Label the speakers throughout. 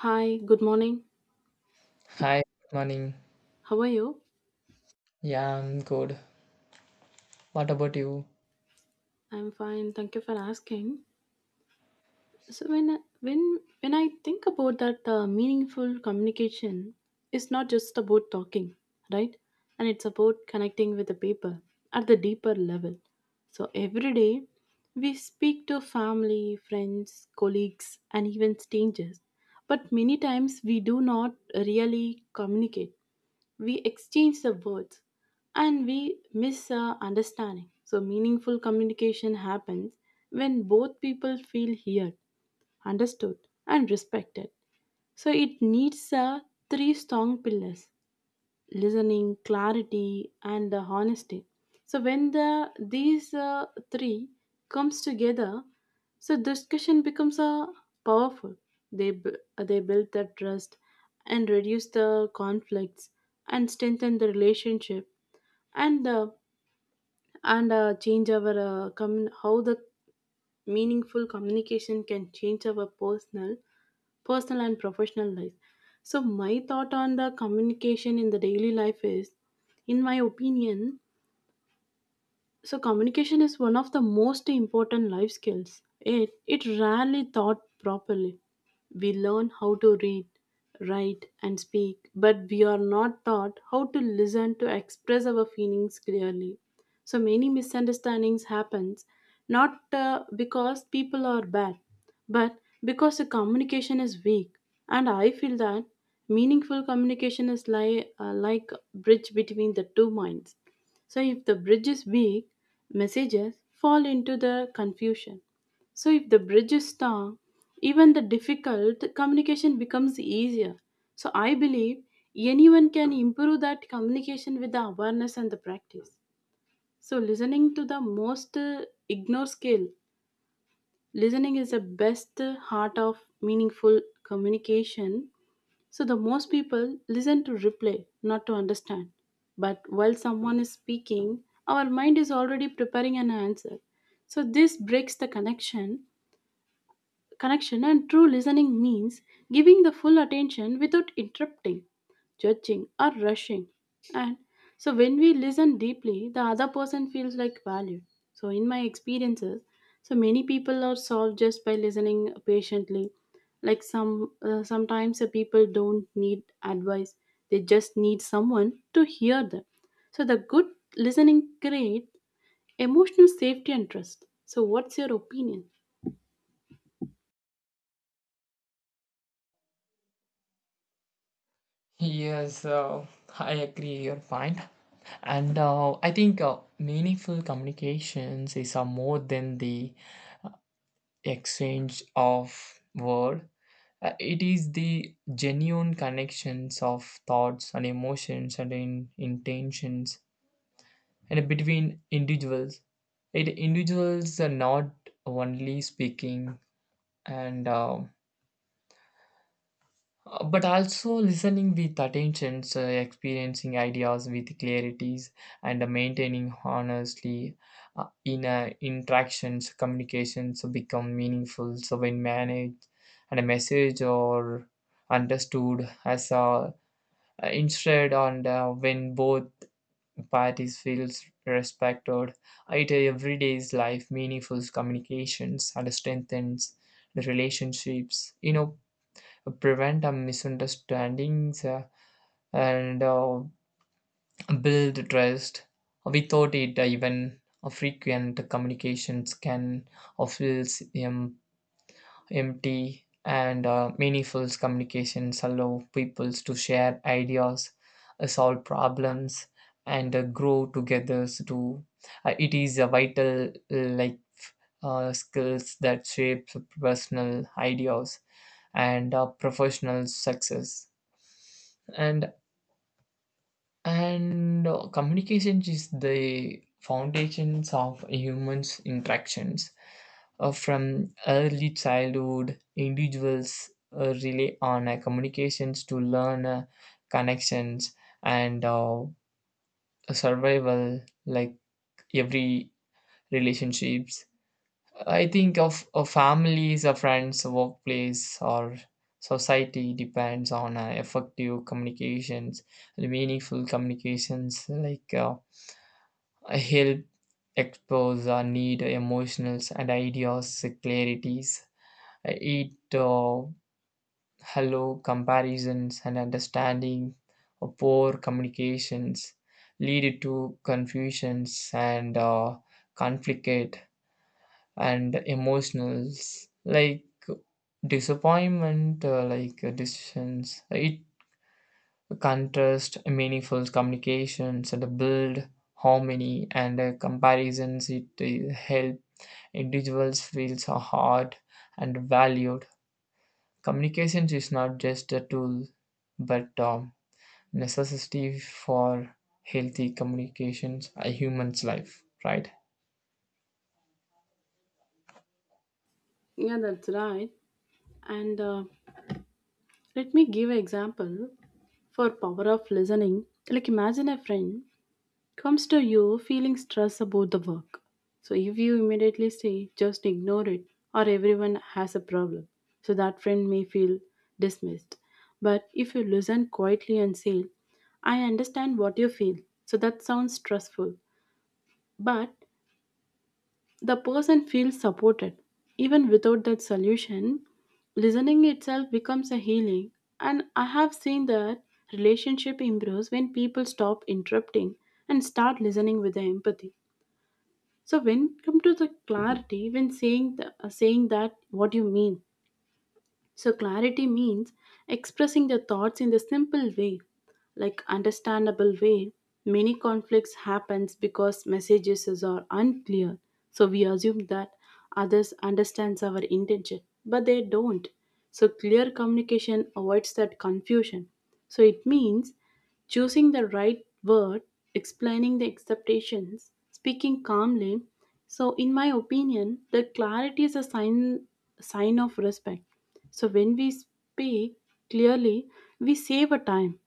Speaker 1: Hi, good morning.
Speaker 2: Hi, good morning.
Speaker 1: How are you?
Speaker 2: Yeah, I'm good. What about you?
Speaker 1: I'm fine. Thank you for asking. So when I think about that meaningful communication, is not just about talking, right? And it's about connecting with the people at the deeper level. So every day we speak to family, friends, colleagues, and even strangers. But many times we do not really communicate, we exchange the words and we miss understanding. So meaningful communication happens when both people feel heard, understood, and respected. So it needs three strong pillars: listening, clarity, and the honesty. So when these three comes together, so discussion becomes a powerful. They b- they build that trust and reduce the conflicts and strengthen the relationship and uh, and change our how the meaningful communication can change our personal and professional life. So my thought on the communication in the daily life is, in my opinion, so communication is one of the most important life skills. It rarely taught properly. We learn how to read, write and speak, but we are not taught how to listen, to express our feelings clearly. So many misunderstandings happens, not because people are bad, but because the communication is weak. And I feel that meaningful communication is like a bridge between the two minds. So if the bridge is weak, messages fall into the confusion. So if the bridge is strong, even the difficult communication becomes easier. So I believe anyone can improve that communication with the awareness and the practice. So listening to the most ignore skill. Listening is the best heart of meaningful communication, so the most people listen to replay, not to understand. But while someone is speaking, our mind is already preparing an answer. So this breaks the connection, and true listening means giving the full attention without interrupting, judging, or rushing. And so when we listen deeply, the other person feels like valued. So in my experiences, so many people are solved just by listening patiently. Like sometimes the people don't need advice; they just need someone to hear them. So the good listening creates emotional safety and trust. So what's your opinion?
Speaker 2: Yes, I agree your point. And I think meaningful communications is more than the exchange of word. It is the genuine connections of thoughts and emotions and intentions and between individuals. It individuals are not only speaking and but also listening with attention, so experiencing ideas with clarities, and maintaining honestly in interactions, communications become meaningful. So when managed, and a message or understood as a instead, and when both parties feels respected, it everyday's life meaningful communications and strengthens the relationships, you know, prevent misunderstandings, and build trust. Without it, even frequent communications can feel em- empty, and meaningful communications allow people to share ideas, solve problems, and grow together. To it is a vital like skills that shapes personal ideas and professional success. and and communication is the foundations of humans interactions. From early childhood individuals rely on communications to learn connections and survival, like every relationships. I think of families or friends, workplace or society depends on effective communications. Meaningful communications, like help expose our need emotions and ideas clarities. It hello comparisons and understanding of poor communications lead to confusions and conflict and emotionals, like disappointment, like decisions. It contrast meaningful communications and build harmony and comparisons. It help individuals feels are heard and valued. Communication is not just a tool, but a necessity for healthy communications, a human's life, right?
Speaker 1: Yeah, that's right. And let me give an example for power of listening. Like imagine a friend comes to you feeling stress about the work. So if you immediately say just ignore it or everyone has a problem. So that friend may feel dismissed. But if you listen quietly and say, I understand what you feel. So that sounds stressful. But the person feels supported. Even without that solution, listening itself becomes a healing. And I have seen that relationship improves when people stop interrupting and start listening with the empathy. So when come to the clarity, when saying saying that what you mean, so clarity means expressing their thoughts in the simple way, like understandable way. Many conflicts happens because messages is- are unclear. So we assume that others understands our intention, but they don't. So clear communication avoids that confusion. So it means choosing the right word, explaining the expectations, speaking calmly. So in my opinion, the clarity is a sign of respect. So when we speak clearly, we save a time,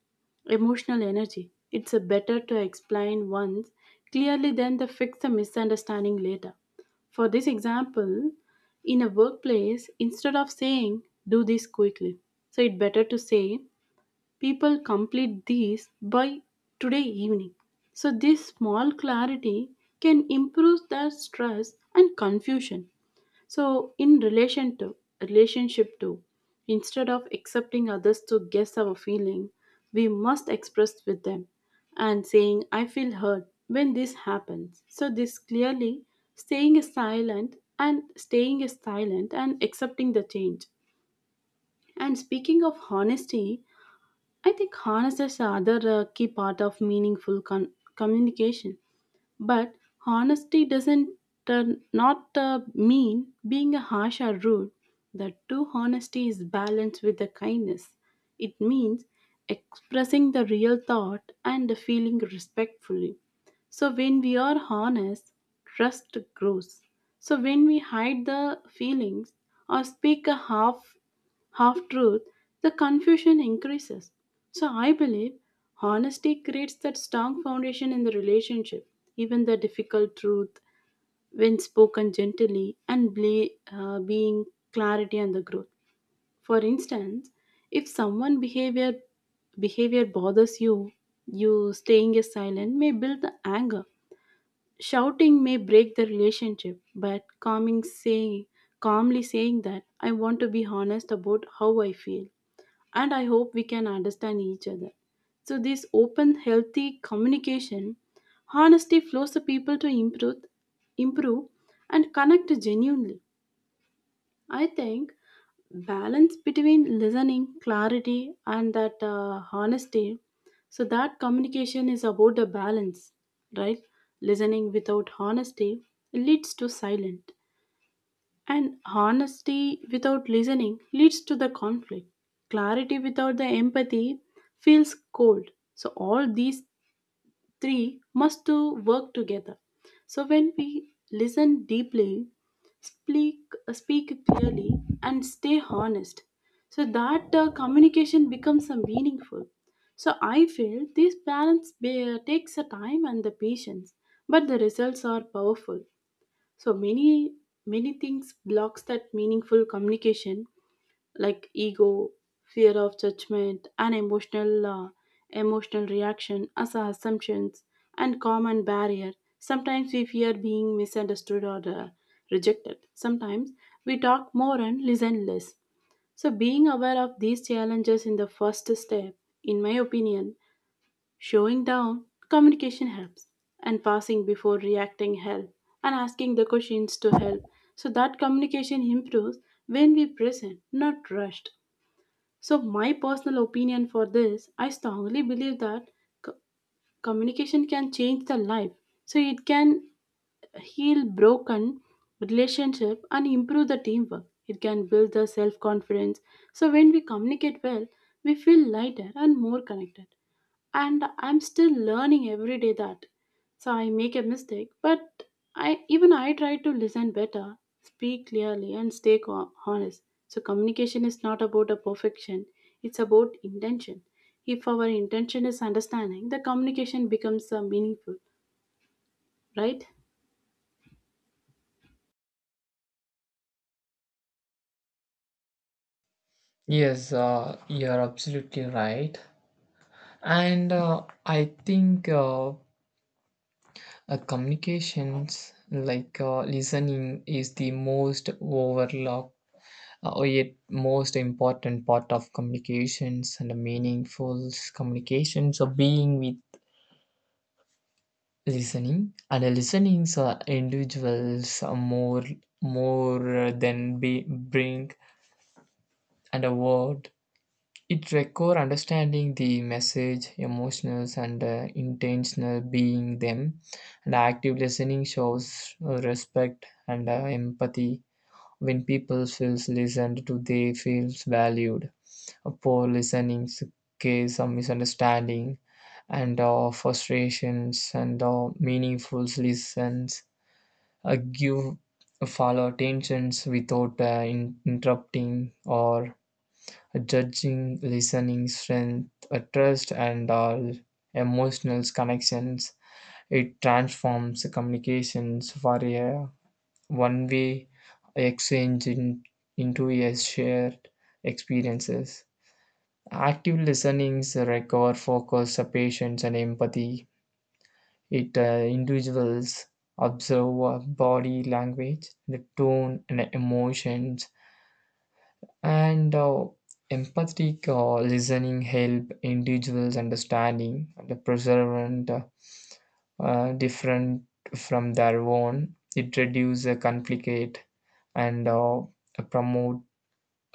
Speaker 1: emotional energy. It's a better to explain once clearly than to fix the misunderstanding later. For this example, in a workplace, instead of saying do this quickly, so it's better to say people complete these by today evening. So this small clarity can improve the stress and confusion. So in relation to relationship too, instead of accepting others to guess our feeling, we must express with them and saying I feel hurt when this happens. So this clearly staying is silent and staying is silent and accepting the change. And speaking of honesty, I think honesty is another key part of meaningful communication. But honesty doesn't uh, not mean being harsh or rude. The true honesty is balanced with the kindness. It means expressing the real thought and the feeling respectfully. So when we are honest, trust grows. So when we hide the feelings or speak a half half truth, the confusion increases. So I believe honesty creates that strong foundation in the relationship. Even the difficult truth, when spoken gently and being clarity and the growth. For instance, if someone behavior bothers you, you staying silent may build the anger. Shouting may break the relationship, but calming saying calmly saying that I want to be honest about how I feel and I hope we can understand each other. So this open, healthy communication, honesty flows the people to improve and connect genuinely. I think balance between listening, clarity, and that honesty. So that communication is about the balance, right? Listening without honesty leads to silence and honesty without listening leads to the conflict. Clarity without the empathy feels cold. So all these three must to work together. So when we listen deeply, speak speak clearly and stay honest. So that communication becomes meaningful. So I feel this balance takes a time and the patience, but the results are powerful. So many many things blocks that meaningful communication, like ego, fear of judgment, and emotional emotional reaction as our assumptions and common barrier. Sometimes we fear being misunderstood or rejected. Sometimes we talk more and listen less. So being aware of these challenges in the first step, in my opinion, showing down, communication helps, and passing before reacting help, and asking the questions to help. So that communication improves when we present, not rushed. So my personal opinion for this, I strongly believe that co- communication can change the life. So it can heal broken relationship and improve the teamwork. It can build the self confidence. So when we communicate well, we feel lighter and more connected. And I'm still learning every day that, so I make a mistake, but I try to listen better, speak clearly, and stay honest. So communication is not about a perfection, it's about intention. If our intention is understanding, the communication becomes meaningful, right?
Speaker 2: Yes, you're absolutely right. And I think communications, like listening, is the most overlooked or yet most important part of communications and a meaningful communications. So being with listening and listening, so individuals are more than bring and a word. It require understanding the message emotions, and intentional being them, and active listening shows respect and empathy. When people feels listened to, they feels valued. A poor listening case of misunderstanding and frustrations, and meaningful listens give follow attentions without interrupting or judging. Listening strength trust and all emotional connections. It transforms communications for a one way exchange into a shared experiences. Active listenings require focus, patience, and empathy. It individuals observe body language, the tone and emotions, and empathetic listening help individuals understanding the preservant different from their own. It reduces conflict and promote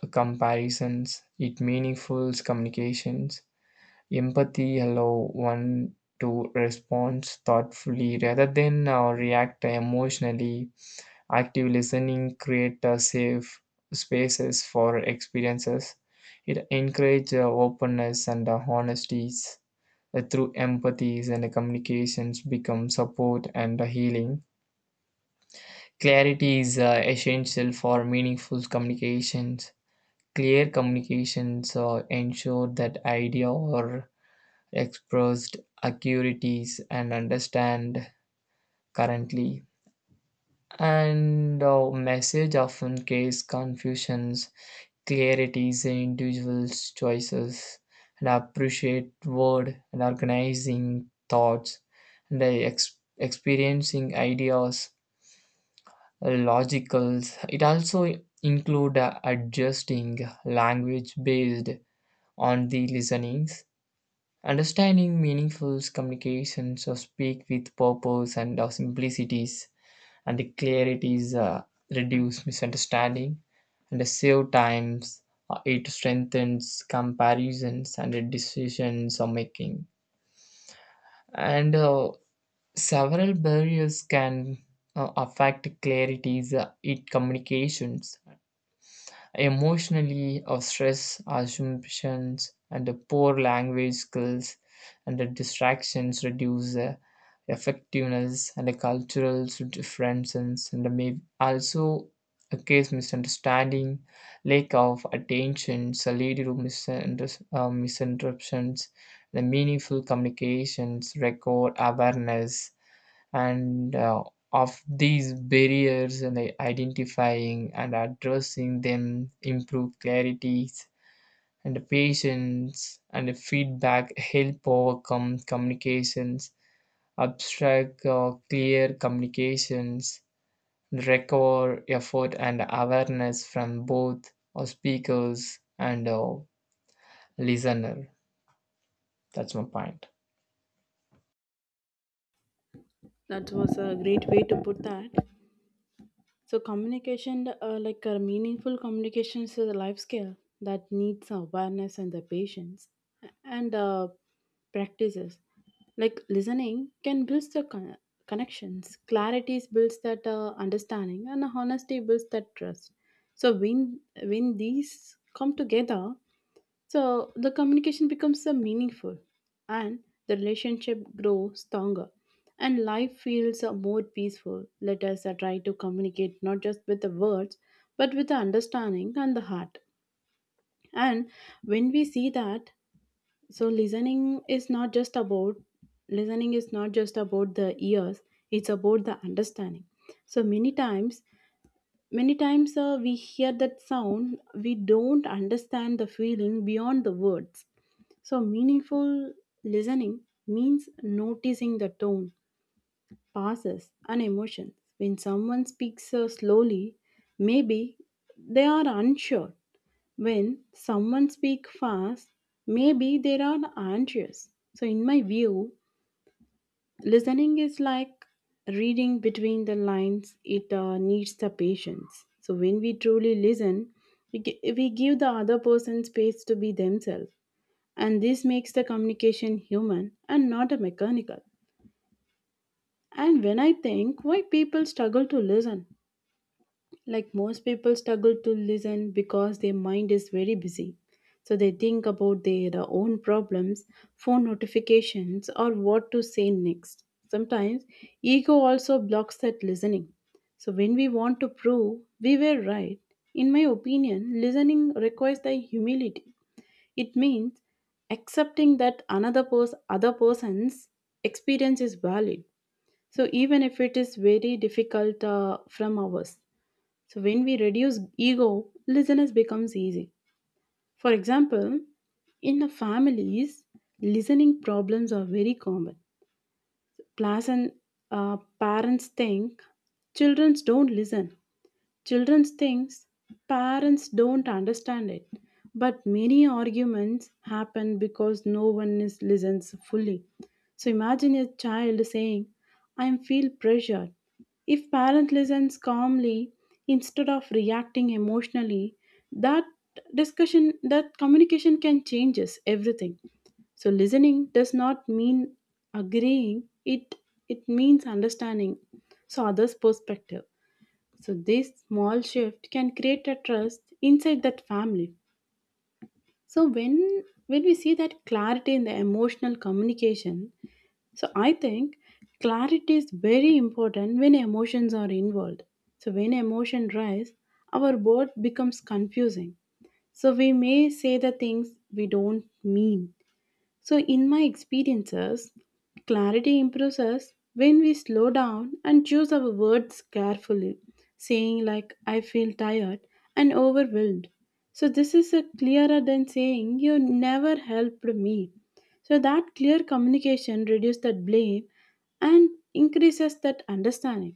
Speaker 2: comparisons. It meaningful communications. Empathy allow one to respond thoughtfully rather than react emotionally. Active listening create a safe spaces for experiences. It encourages openness and honesties. Through empathies and communications become support and healing. Clarity is essential for meaningful communications. Clear communications ensure that idea or expressed accurities and understand currently, and our message often case confusions. Clarities in individuals choices and appreciate word and organizing thoughts and the experiencing ideas logicals. It also include adjusting language based on the listenings. Understanding meaningful communications or speak with purpose and our simplicities and the clarities reduce misunderstanding and the save times. It strengthens comparisons and the decisions are making. And several barriers can affect clarities in communications. Emotionally or stress assumptions and the poor language skills and the distractions reduce the effectiveness, and the cultural differences and the may also a case misunderstanding. Lack of attention so lead to misinterruptions. The meaningful communications record awareness and of these barriers, and identifying and addressing them improve clarities, and patience and feedback help overcome communications abstract. Clear communications require effort and awareness from both speakers and listener. That's my point.
Speaker 1: That was a great way to put that. So communication, meaningful communication is a life skill that needs awareness and the patience and practices. Like listening can build the connections. Clarity builds that understanding, and honesty builds that trust. So when these come together, so the communication becomes meaningful and the relationship grows stronger and life feels more peaceful. Let us try to communicate not just with the words but with the understanding and the heart. And when we see that, so listening is not just about the ears, it's about the understanding. So many times we hear that sound, we don't understand the feeling beyond the words. So meaningful listening means noticing the tone, pauses, and emotions. When someone speaks slowly, maybe they are unsure. When someone speaks fast, maybe they are anxious. So in my view, listening is like reading between the lines, it needs the patience. So when we truly listen, we give the other person space to be themselves, and this makes the communication human and not a mechanical. And when I think why people struggle to listen, like most people struggle to listen because their mind is very busy, so they think about their own problems, phone notifications, or what to say next. Sometimes ego also blocks that listening. So when we want to prove we were right, in my opinion listening requires the humility. It means accepting that other person's experience is valid. So even if it is very difficult from ours. So when we reduce ego, listeners becomes easy. For example, in the families, listening problems are very common. Plus, and parents think children don't listen. Children thinks parents don't understand it, but many arguments happen because no one is listens fully. So imagine a child saying, "I feel pressured." If parent listens calmly instead of reacting emotionally, that that communication can changes everything. So listening does not mean agreeing; it it means understanding. So others' perspective. So this small shift can create a trust inside that family. So when we see that clarity in the emotional communication, so I think clarity is very important when emotions are involved. So when emotion rise, our word becomes confusing. So we may say the things we don't mean. So in my experiences, clarity improves us when we slow down and choose our words carefully, saying, like, I feel tired and overwhelmed. So this is a clearer than saying, You never helped me. So that clear communication reduces that blame and increases that understanding.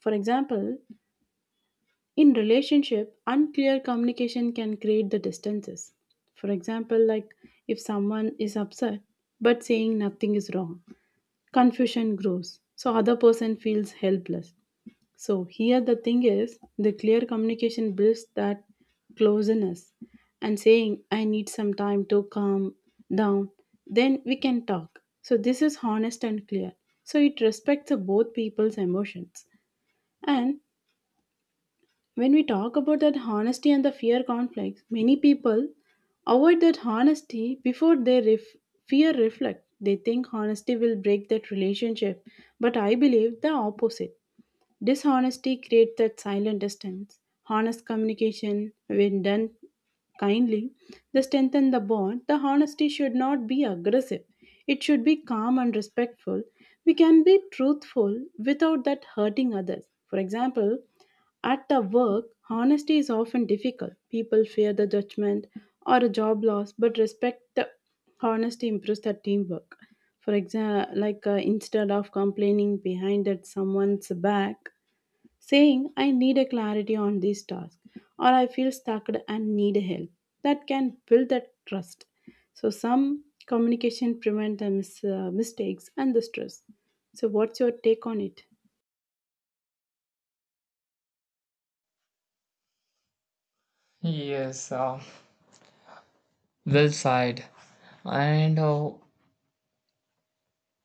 Speaker 1: For example, in relationship, unclear communication can create the distances. For example, like if someone is upset but saying nothing is wrong, confusion grows. So other person feels helpless. So here the thing is the clear communication builds that closeness and saying I need some time to calm down, then we can talk. So this is honest and clear. So it respects the both people's emotions, and when we talk about that honesty and the fear conflicts, many people avoid that honesty before they fear reflect. They think honesty will break that relationship, but I believe the opposite. Dishonesty creates that silent distance. Honest communication, when done kindly, they strengthen the bond. The honesty should not be aggressive, it should be calm and respectful. We can be truthful without that hurting others. For example, at the work, honesty is often difficult. People fear the judgment or a job loss, but respect the honesty improves the teamwork. For example, like instead of complaining behind at someone's back, saying I need a clarity on this task or I feel stuck and need help. That can build that trust. So some communication prevent the mistakes and the stress. So what's your take on it?
Speaker 2: Yes, well said. And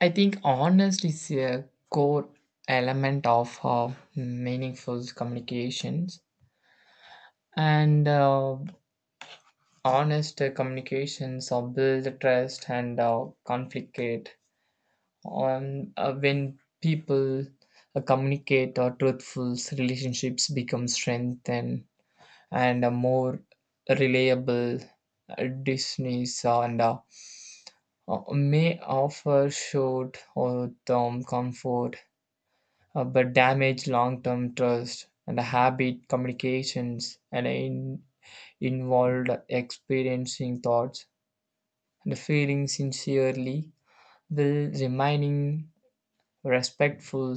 Speaker 2: I think honesty is a core element of meaningful communications, and honest communications are build trust and conflict. On when people communicate or truthful, relationships become strengthened and more reliable. Disney's and may offer short or term comfort, but damage long term trust and habit communications, and involved experiencing thoughts and feeling sincerely will remaining respectful.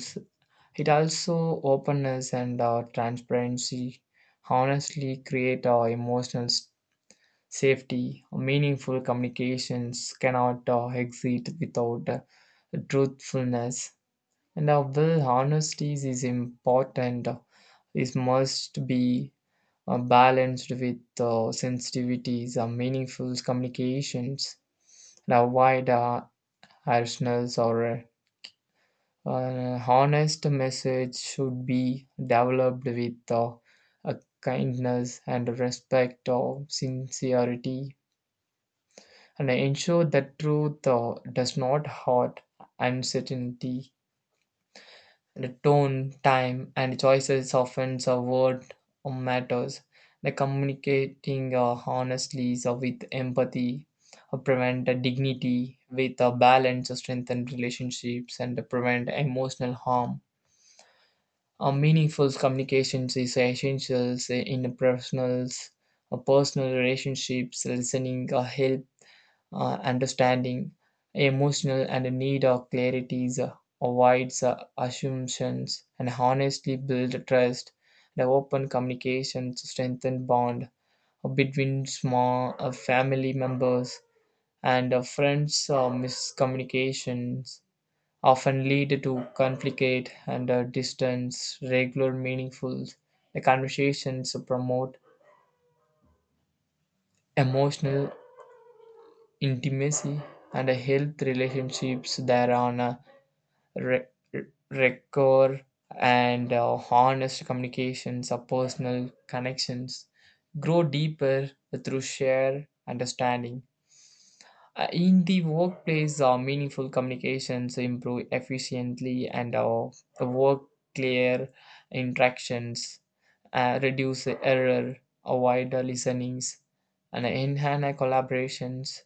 Speaker 2: It also openness and transparency honestly create emotional s- safety. Meaningful communications cannot exist without truthfulness. Now, while honesty is important, it must be balanced with sensitivities, meaningful communications, and avoid harshness or an honest message should be developed with a kindness and respect of sincerity, and ensure that truth does not hurt uncertainty. The tone, time, and choices often the word matters. The communicating honestly so with empathy prevent dignity with a balance, strengthen relationships, and prevent emotional harm. A meaningful communications is essential in personal relationships. Listening help understanding, emotional, and a need of clarities avoids assumptions, and honestly build trust. The open communication strengthen bond between small family members and friends. Miscommunications often lead to conflict and distance. Regular, meaningful conversations promote emotional intimacy and health relationships thereon. re- record and honest communications or personal connections grow deeper through shared understanding. In the workplace, meaningful communications improve efficiently and work clear interactions, reduce error, avoid listenings, and enhance collaborations,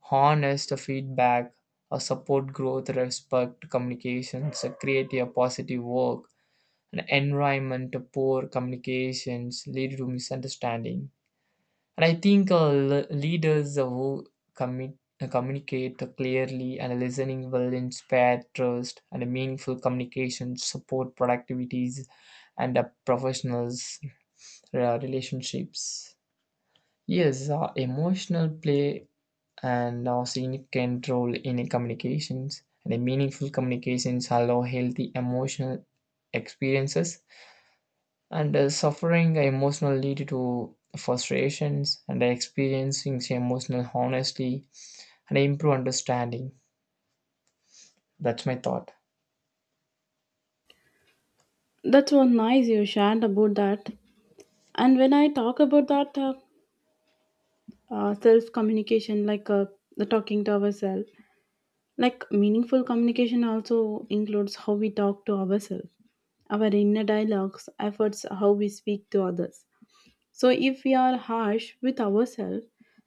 Speaker 2: harness the feedback, support growth, respect communications, create a positive work, an environment. Poor communications lead to misunderstanding. And I think leaders who commit, communicate clearly and listening will inspire trust and meaningful communication, support productivities, and professionals' relationships. Yes, emotional play and a significant role in communications. And the meaningful communications allow healthy emotional experiences, and suffering emotional lead to frustrations, and experiencing emotional honesty and improve understanding. That's my thought.
Speaker 1: That's so nice you shared about that. And when I talk about that self communication, like the talking to ourselves, like meaningful communication also includes how we talk to ourselves, our inner dialogues, efforts, how we speak to others. So, if we are harsh with ourselves,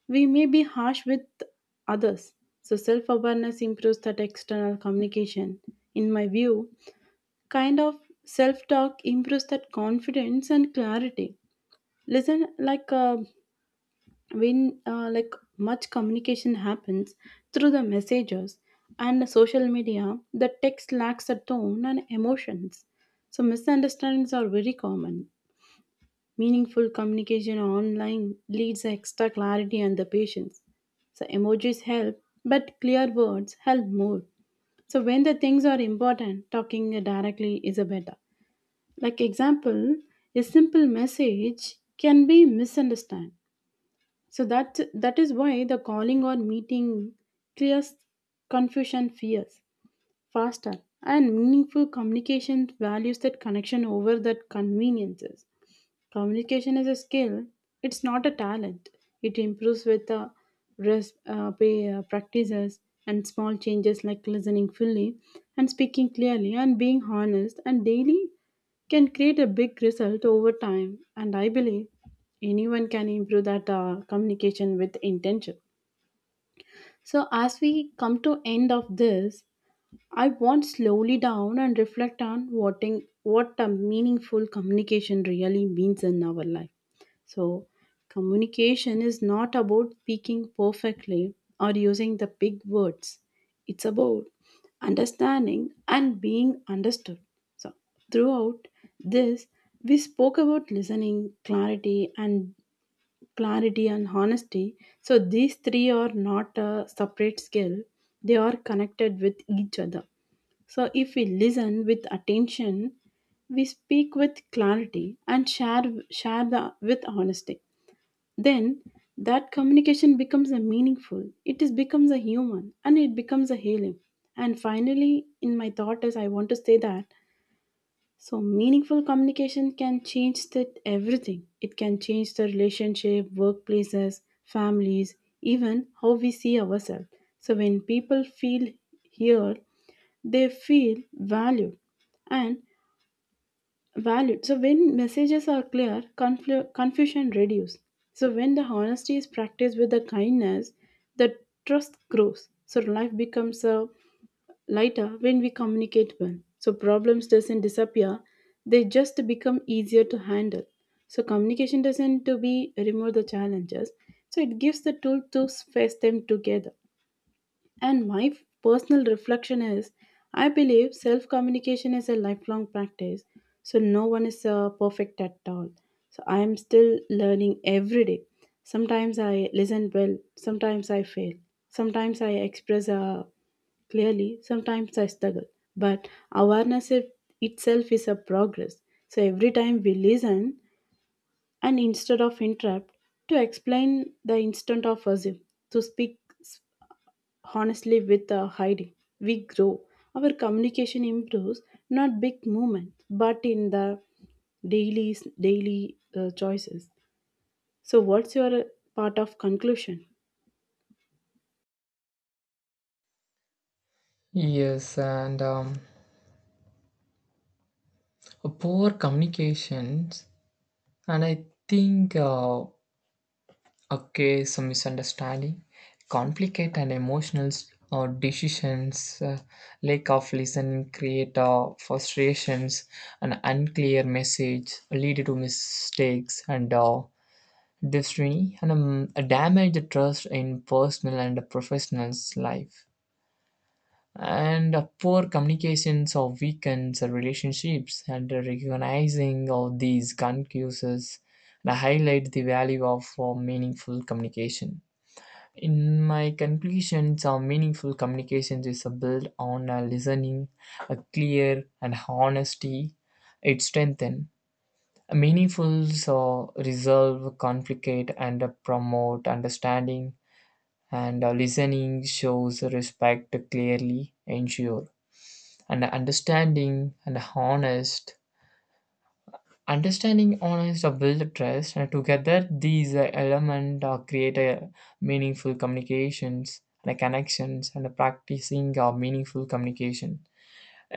Speaker 1: we may be harsh with others. So, self awareness improves that external communication. In my view, kind of self talk improves that confidence and clarity. Listen, like when like much communication happens through the messages and the social media, the text lacks a tone and emotions. So, misunderstandings are very common. Meaningful communication online leads extra clarity and the patience. So emojis help, but clear words help more. So when the things are important, talking directly is a better. Like example, a simple message can be misunderstood. So that is why the calling or meeting clears confusion fears faster, and meaningful communication values that connection over that conveniences. Communication is a skill, it's not a talent. It improves with practices and small changes like listening fully and speaking clearly and being honest and daily can create a big result over time. And I believe anyone can improve that communication with intention. So as we come to end of this, I want slowly down and reflect on what a meaningful communication really means in our life. So communication is not about speaking perfectly or using the big words. It's about understanding and being understood. So throughout this, we spoke about listening, clarity, and clarity and honesty, so these three are not a separate skill, they are connected with each other. So if we listen with attention, we speak with clarity and share share the with honesty, then that communication becomes a meaningful, it is becomes a human, and it becomes a healing. And finally, in my thought is I want to say that, so meaningful communication can change that everything. It can change the relationship, workplaces, families, even how we see ourselves. So when people feel heard, they feel valued and valued. So when messages are clear, confusion reduces. So when the honesty is practiced with the kindness, the trust grows. So life becomes a lighter when we communicate well. So problems doesn't disappear, they just become easier to handle. So communication doesn't to be remove the challenges. So it gives the tool to face them together. And my personal reflection is I believe self communication is a lifelong practice, so no one is perfect at all. So I am still learning every day. Sometimes I listen well, sometimes I fail, sometimes I express clearly, sometimes I struggle. But awareness itself is a progress. So every time we listen and instead of interrupt, to explain the instant of assume, to speak honestly, with hiding, we grow. Our communication improves, not big movements, but in the daily choices. So, what's your part of conclusion?
Speaker 2: Yes, and poor communications, and I think. Okay, so misunderstanding, complicate and emotional decisions, lack of listening create frustrations, an unclear message lead to mistakes and destiny and damage the trust in personal and professional's life. And poor communications or weakens the relationships, and recognizing all these concuses and highlight the value of meaningful communication. In my conclusions, a meaningful communication is built on a listening, a clear and honesty. It strengthens a meaningful so resolve conflict and promote understanding. And listening shows respect clearly, ensure and understanding and honest. Understanding honest or build trust, and together these elements create a meaningful communications and connections, and a practicing meaningful communication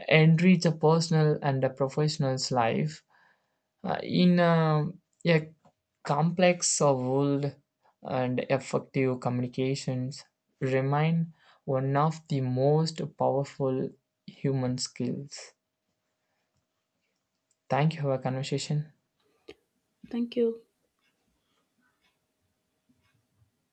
Speaker 2: enrich a personal and a professional's life, in a complex world, and effective communications remain one of the most powerful human skills. Thank you for our conversation.
Speaker 1: Thank you.